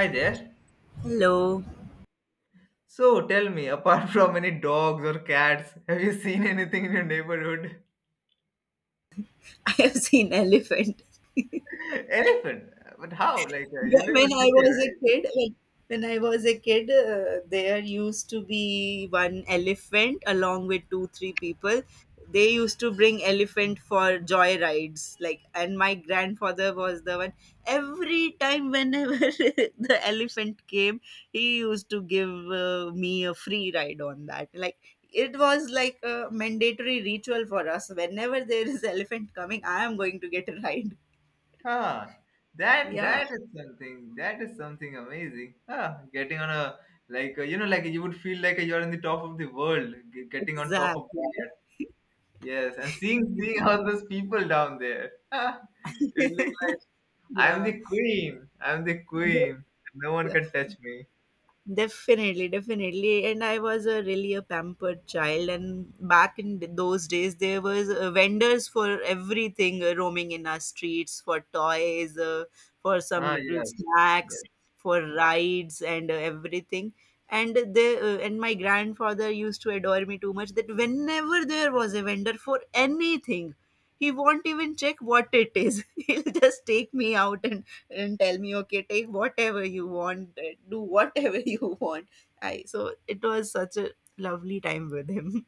Hi there. Hello. So tell me, apart from any dogs or cats, have you seen anything in your neighborhood? I have seen elephant. Elephant? But how? You Wh- live in a When I city, was a right? kid, when, when I was a kid, there used to be one elephant along with two, three people. They used to bring elephant for joy rides, like, and my grandfather was the one. Every time, whenever the elephant came, he used to give me a free ride on that. Like, it was like a mandatory ritual for us. Whenever there is elephant coming, I am going to get a ride. Huh. That Yeah, that is something. That is something amazing. Huh. Getting on a like you would feel like you're in the top of the world, getting on top of exactly. that. Yes, and seeing all those people down there. Huh. It look like I'm Yeah. the queen. I'm the They- queen. No one Yeah. can touch me. Definitely, definitely. And I was a really a pampered child. And back in those days, there was vendors for everything, roaming in our streets for toys, for some Ah little yes. snacks, Yes. for rides, and everything. And my grandfather used to adore me too much that whenever there was a vendor for anything, he won't even check what it is. He'll just take me out and tell me, okay, take whatever you want, do whatever you want. I So it was such a lovely time with him.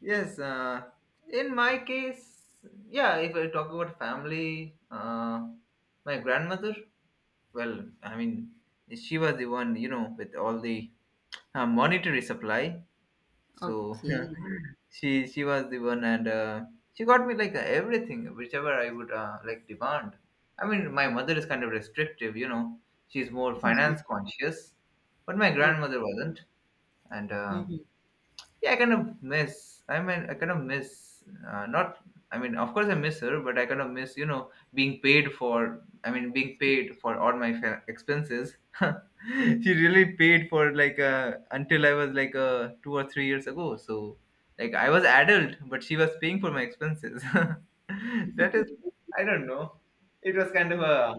Yes, in my case, yeah, if I talk about family, my grandmother, well, I mean, she was the one, with all the monetary supply. So Okay. she was the one, and she got me like everything, whichever I would like demand. I mean, my mother is kind of restrictive, you know, she's more Okay. finance conscious, but my grandmother wasn't, and Mhm. yeah, I kind of miss. Not. I mean, of course, I miss her, but I kind of miss, being paid for. I mean, being paid for all my expenses. She really paid for until I was 2 or 3 years ago. So, like, I was adult, but she was paying for my expenses. That is, I don't know. It was kind of Oh. a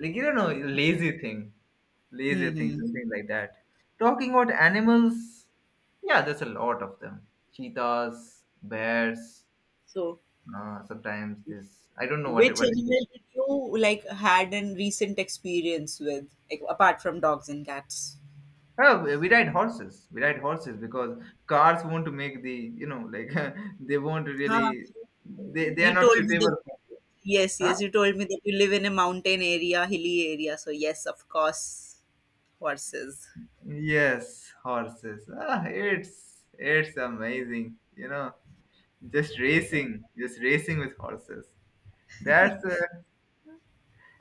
like you don't know lazy thing, Mhm. something like that. Talking about animals. Yeah, there's a lot of them. Cheetahs, bears. So Sometimes this I don't know which what it is. animal did you, like, had an recent experience with, like, apart from dogs and cats? Oh, we ride horses. We ride horses because cars want to make the they won't Huh? really they are You not told me that, suitable. For, yes, huh? yes, you told me that you live in a mountain area, hilly area, so yes, of course. Horses. Yes, horses. Ah, it's amazing. You know, just racing with horses. That's uh,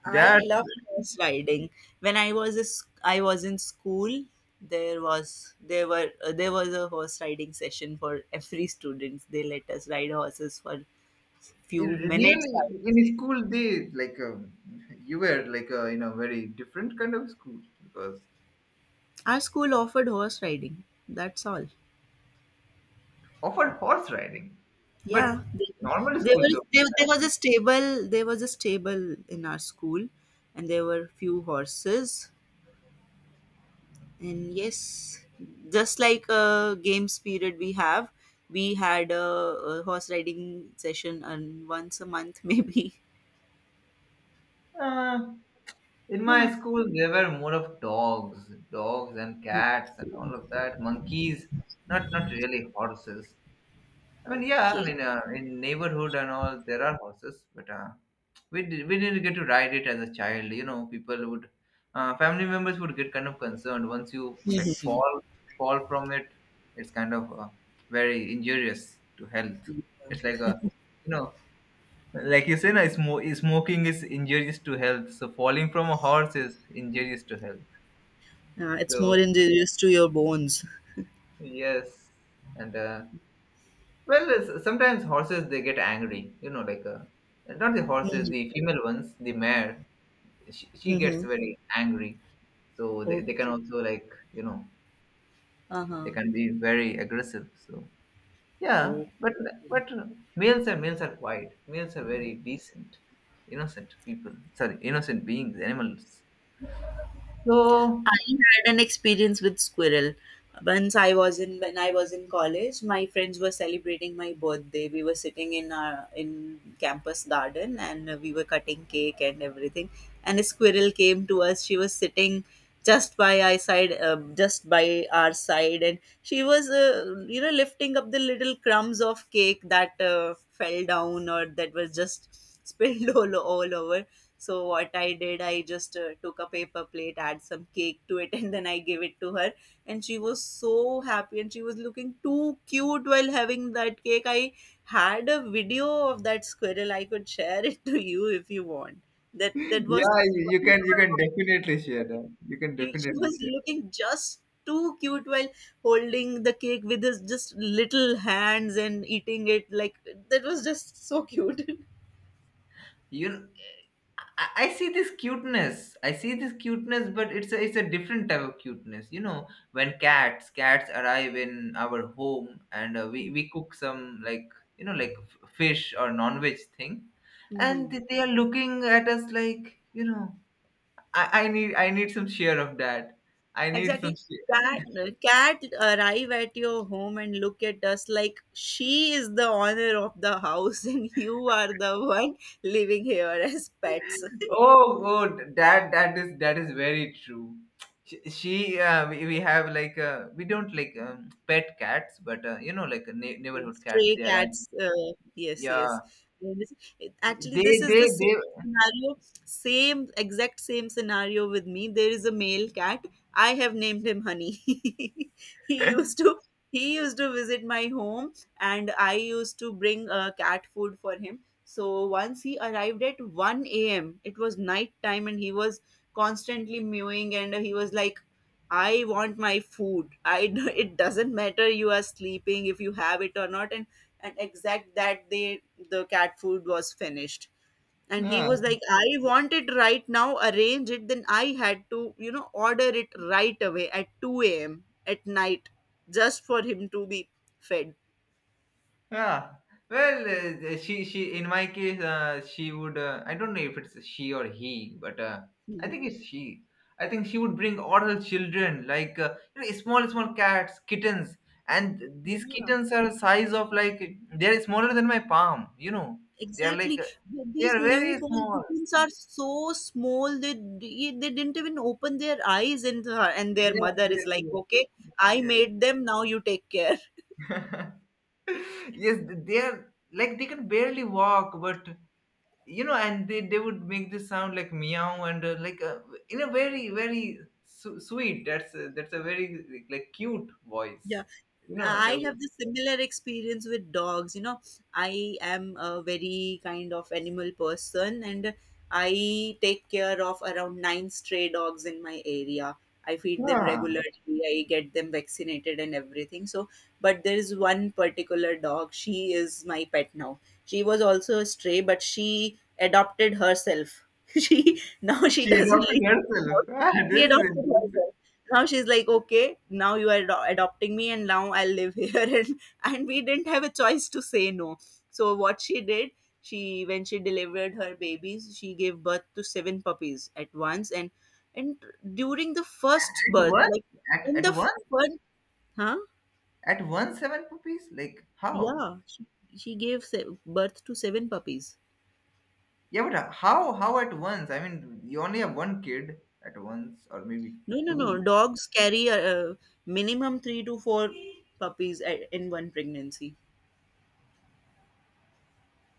I that's love sliding. When I was in school, there was a horse riding session for every student. They let us ride horses for It few minutes, I would really say. in school they you were in a very different kind of school because Our school offered horse riding. That's all. offered horse riding but Yeah, they- normal there schools was don't do there, there that. was a stable there was a stable in our school, and there were few horses. And yes, just like a games period, we had a horse riding session, and once a month, maybe. uh, in my Yeah. school there were more of dogs and cats and all of that monkeys, not really horses. I mean, yeah, I Okay. mean, in neighborhood and all, there are horses, but we didn't get to ride it as a child. You know, people would, family members would get kind of concerned once you like Mhm. fall fall from it. It's very injurious to health. It's like a, you know, like you say, no, smoking is injurious to health. So falling from a horse is injurious to health. It's So more injurious to your bones. yes, and well, sometimes horses they get angry. You know, not the horses, Mhm. the female ones, the mare. She gets Mhm. very angry, so they can Okay. also like you know they Uh-huh. can be very aggressive. So yeah, Okay. But males are quiet. Males are very decent, innocent people. Sorry, innocent beings, animals. So I had an experience with squirrel. Once I was in when I was in college, my friends were celebrating my birthday. We were sitting in campus garden, and we were cutting cake and everything. And a squirrel came to us. She was sitting just by our side, just by our side, and she was, you know, lifting up the little crumbs of cake that fell down or that was just spilled all over. So what I did, I just took a paper plate, add some cake to it, and then I gave it to her, and she was so happy, and she was looking too cute while having that cake. I had a video of that squirrel. I could share it to you if you want. That that was yeah, just you, you can wonderful. definitely share that. You can You- She definitely was share. looking just too cute while holding the cake with his just little hands and eating it. Like, that was just so cute. You I see this cuteness. I see this cuteness, but it's a different type of cuteness. You know, when cats arrive in our home and we cook some like you know like fish or non veg thing, and Hmm. They are looking at us like you know I need some share of that. I need some Exactly. Cat, share. cat arrive at your home and look at us like she is the owner of the house, and you are the one living here as pets. Oh, good. That is that is very true. She we have we don't like pet cats, but you know Yes, neighborhood cats. stray They are cats. Yes, yes. yeah. And this- Actually, this is They the they. same scenario, same exact same scenario with me. There is a male cat. I have named him Honey. He used to he used to visit my home, and I used to bring cat food for him. So once he arrived at 1 a.m., it was night time, and he was constantly mewing, and he was like, I want my food. I It doesn't matter you are sleeping if you have it or not. And exact that day the cat food was finished. And he Yeah. was like, I want it right now, arrange it. Then I had to, you know, order it right away at 2 a.m. at night, just for him to be fed. Yeah. Well, she in my case, she would. I don't know if it's she or he, but I think it's she. I think she would bring all her children, you know, small cats, kittens, and these kittens are size of like they are smaller than my palm. You know, they are Exactly. They These are very newborn small. kittens are so small that they didn't even open their eyes, and their Yes, mother is yes, like, yes. "Okay, I made them, now you take care." Yes. Yes, they are like they can barely walk, but you know and they would make this sound like meow and in a very sweet, that's a very like cute Yeah, voice you know they I would have the similar experience with dogs. You know, I am a very kind of animal person, and I take care of around nine stray dogs in my area. I feed them ah, regularly, I get them vaccinated and everything. So, but there is one particular dog, she is my pet now. She was also a stray, but she adopted herself. She now she she doesn't adopted leave my herself. house. Ah, She this is adopted interesting. herself. Now she's like, okay, now you are adopting me, and now I'll live here, and we didn't have a choice to say no. So what she did she when she delivered her babies, she gave birth to seven puppies at once. And during the first At birth once. like at, in at the once. first huh At once seven puppies, like how? Yeah, she gave birth to seven puppies. Yeah, but how at once? I mean you only have one kid at once, or maybe No, no, no, two. dogs carry a minimum 3 to 4 puppies, in one pregnancy.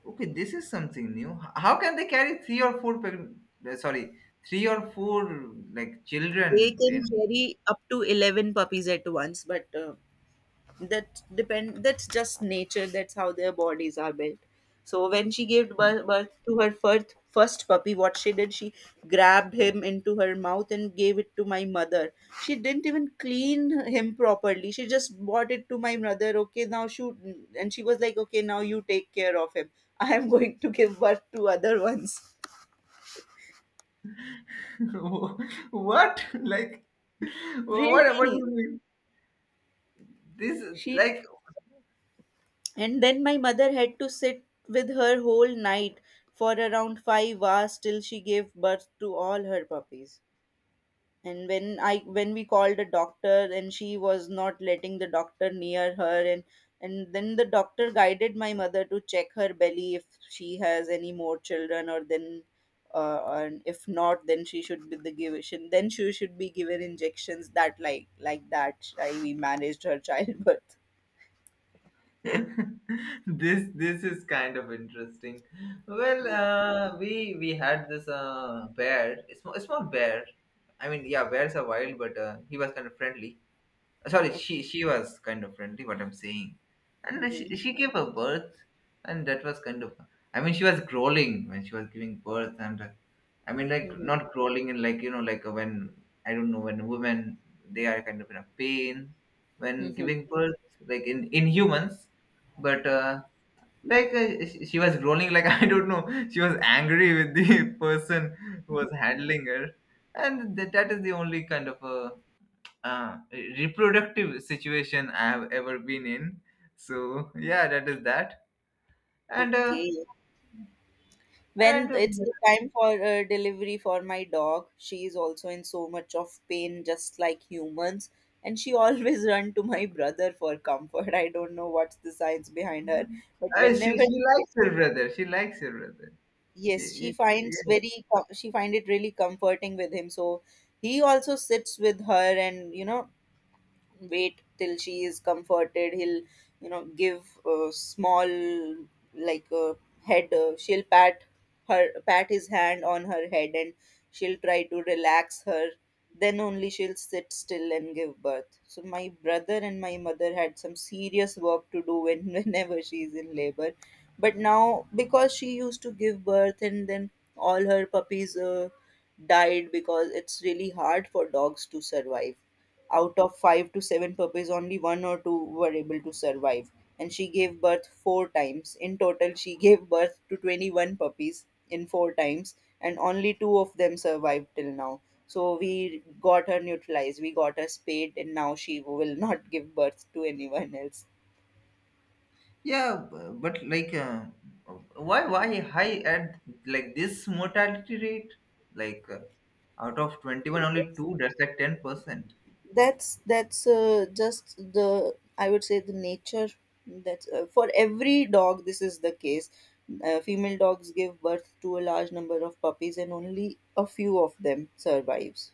Okay, this is something new. How can they carry three or four, uh, sorry, three or four like They children can in? carry up to 11 puppies at once, but that's just nature, that's how their bodies are built. So when she gave birth to her first puppy, what she did, she grabbed him into her mouth and gave it to my mother. She didn't even clean him properly. She just brought it to my mother. Okay, now shoot, and she was like, okay, now you take care of him. I am going to give birth to other ones. What? Like, what? What do you Really, mean? This she like And then my mother had to sit with her whole night for around 5 hours till she gave birth to all her puppies. And when we called a doctor, and she was not letting the doctor near her, and then the doctor guided my mother to check her belly if she has any more children, or then and if not, then she should be given injections. That like that I we managed her childbirth. this is kind of interesting. Well, we had this bear, a small bear. I mean, yeah, bears are wild, but he was kind of friendly. Sorry, Okay. She was kind of friendly, what I'm saying. And Mhm. she gave her birth, and that was kind of, I mean she was growling when she was giving birth, and I mean like Mhm. not growling and like you know when I don't know when women they are kind of in a pain when Mhm. giving birth, like in humans, but she was growling like, I don't know, she was angry with the person who was handling her, and that, that is the only kind of reproductive situation I have ever been in. So yeah, that is that. And uh, Okay. and When it's the time for delivery for my dog, she is also in so much of pain, just like humans. And she always run to my brother for comfort. I don't know what's the science behind her, but whenever she she, likes her brother. She likes her brother. yes, She, she finds yeah, very she find it really comforting with him. So he also sits with her, and you know, wait till she is comforted. He'll, you know, give a small, like, a head, she'll pat his hand on her head, and she'll try to relax her. Then only she'll sit still and give birth. So my brother and my mother had some serious work to do when, whenever she's in labor. But now because she used to give birth, and then all her puppies died because it's really hard for dogs to survive. Out of five to seven puppies, only one or two were able to survive. And she gave birth four times. In total, she gave birth to 21 puppies in four times, and only two of them survived till now. So we got her neutralized, we got her spayed, and now she will not give birth to anyone else. yeah, but like, Mhm. why high at like this mortality rate? Like uh, out of 21, only two. That's like 10%. That's just the I would say the nature. That's For every dog this is the case. Female dogs give birth to a large number of puppies, and only a few of them survives.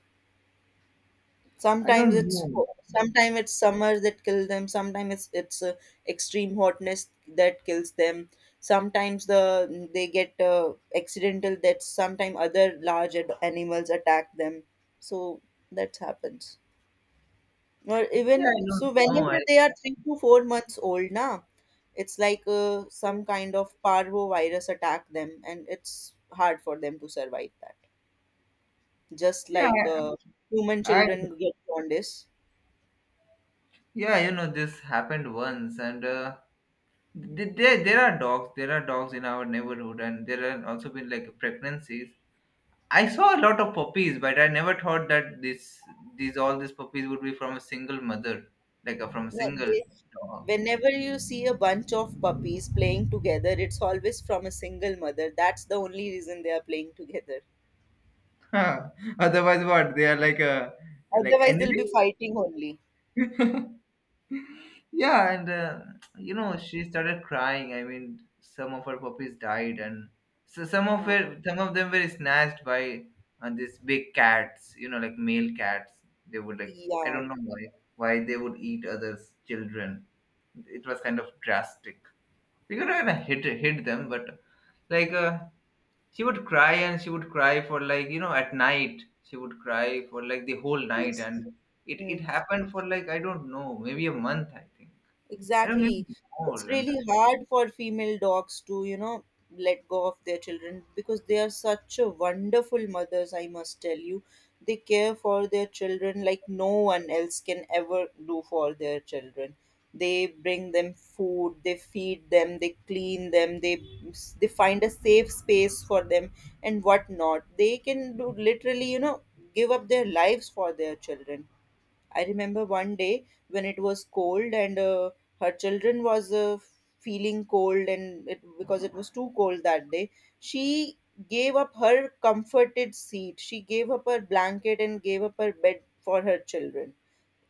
I sometimes don't it's know. sometimes it's summer that kill them, sometimes it's extreme hotness that kills them. Sometimes they get accidental deaths, sometimes other large animals attack them. So that happens. Or Yeah, I even so, don't know. whenever they are 3 to 4 months old, na, it's like some kind of parvo virus attack them, and it's hard for them to survive that. Just yeah, like human I children get jaundice. yeah, you know, this happened once, and there there are dogs, there are dogs in our neighborhood, and there are also been like pregnancies. I saw a lot of puppies, but I never thought that this these all these puppies would be from a single mother, from a Yeah, single whenever you see a bunch of puppies playing together, it's always from a single mother. That's the only reason they are playing together. dog. Otherwise Mhm. what they are like a like Otherwise, they'll enemy. be fighting only. Yeah, and you know, she started crying. I mean, some of her puppies died, and so some of Uh, it, some of them were snatched by these big cats. You know, like male cats. They would like I yeah. don't know why they would eat others' children. It was kind of drastic. We could have hit hit them, but like uh, she would cry and she would cry for like you know at night she would cry for like the whole night, Yes. and it happened for like I don't know maybe a month I think. I don't even Exactly. know It's more, and really hard for female dogs to, you know, let go of their children, because they are such a wonderful mothers, I must tell you. They care for their children like no one else can ever do for their children. They bring them food, they feed them, they clean them, they find a safe space for them and whatnot. They can do literally, you know, give up their lives for their children. I remember one day when it was cold, and her children was feeling cold, and it because it was too cold that day, she gave up her comforted seat. She gave up her blanket and gave up her bed for her children.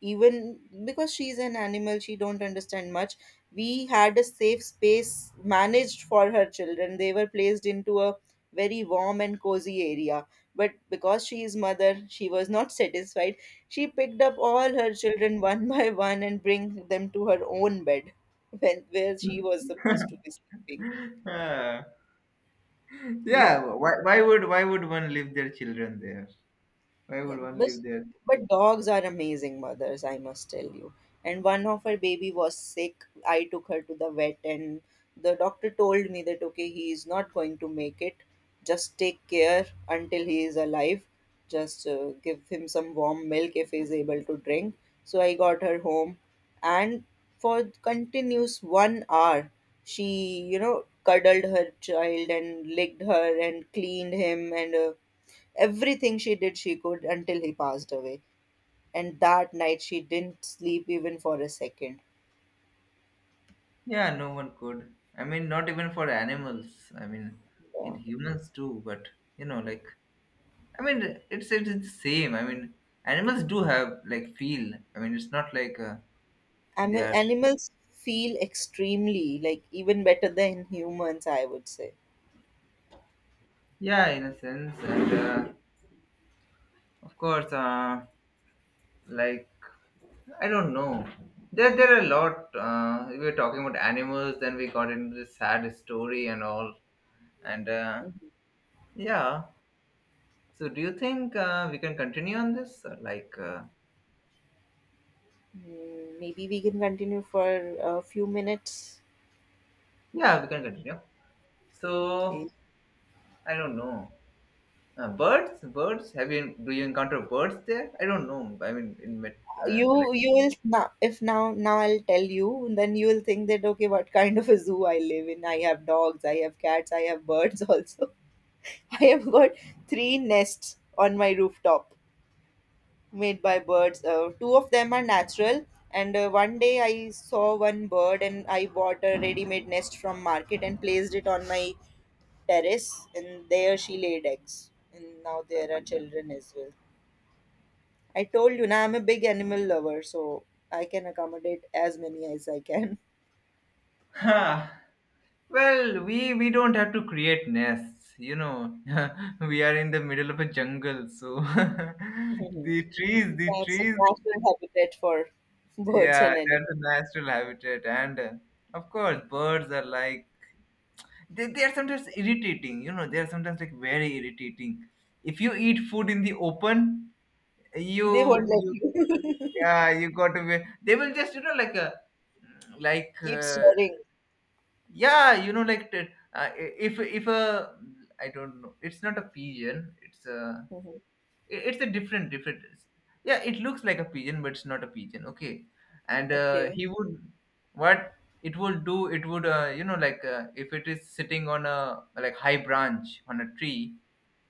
Even because she's an animal, she don't understand much, we had a safe space managed for her children. They were placed into a very warm and cozy area. But because she is mother, she was not satisfied. She picked up all her children, one by one, and bring them to her own bed, when where she was supposed to be sleeping. uh, Yeah. yeah why would one leave their children there, why Yeah, would one but, leave their? but dogs are amazing mothers, I must tell you. And one of her baby was sick. I took her to the vet, and the doctor told me that okay, he is not going to make it. Just take care until he is alive. Just give him some warm milk if he is able to drink. So I got her home, and for continuous 1 hour, she, you know, cuddled her child and licked her and cleaned him and. Everything she did, she could, until he passed away. And that night, she didn't sleep even for a second. Yeah, no one could. I mean, not even for animals, I mean, in Yeah. humans too, but you know like I mean it's the same, I mean animals do have like feel, I mean it's not they are. Animals feel extremely, like, even better than humans, I would say. Yeah, in a sense, and of course, like I don't know. There are a lot. We were talking about animals, then we got into this sad story and all. And yeah, so do you think we can continue on this? Or like, Hmm, maybe we can continue for a few minutes. yeah, we can continue. So Okay. I don't know. Birds, birds. Have you do you encounter birds there? I don't know. I mean, in met, it's You will now. If now, now I'll tell you, then you will think that, okay, what kind of a zoo I live in? I have dogs, I have cats, I have birds also. I have got three nests on my rooftop made by birds. Two of them are natural, and one day I saw one bird and I bought a ready-made nest from market and placed it on my terrace, and there she laid eggs. And now there are children as well. I told you, now I'm a big animal lover, so I can accommodate as many as I can. like well, we don't have to create nests, you know. We are in the middle of a jungle, so Mhm. The That's a trees, natural habitat for birds yeah, and that's animals. a natural habitat. And of course, birds are like they are sometimes irritating, you know. They are sometimes like very irritating. If you eat food in the open, They you won't let you you. yeah, you got to be. They will just you know like a like Keep uh, swearing. yeah you know if a I don't know it's not a pigeon it's a Mhm. It's a different different yeah it looks like a pigeon but it's not a pigeon okay. And Okay. he would what it would do it would you know if it is sitting on a like high branch on a tree,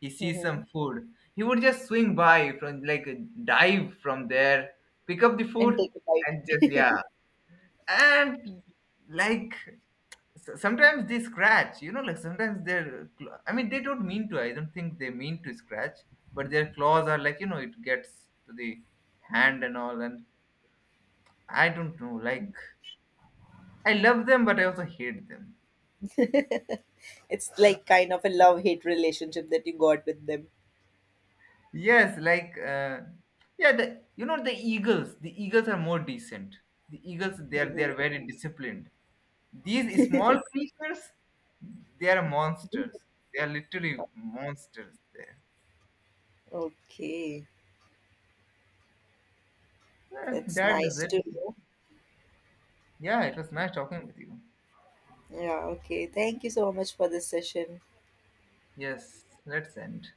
he sees some Hmm. food, he would just swing by from dive from there, pick up the And food, take a and just yeah, bite. and like so- sometimes they scratch you know like sometimes they're I mean they don't mean to, I don't think they mean to scratch, but their claws are like you know it gets to the hand and all, and I don't know like I love them but I also hate them. It's like kind of a love-hate relationship that you got with them. Yes, like yeah the you know the eagles, the eagles are more decent, the eagles they Mhm. are very disciplined. These small creatures they are monsters, they are literally monsters there. Okay, Well, that's that is nice it. to know. Yeah, it was nice talking with you. Yeah, okay. Thank you so much for this session. Yes, let's end.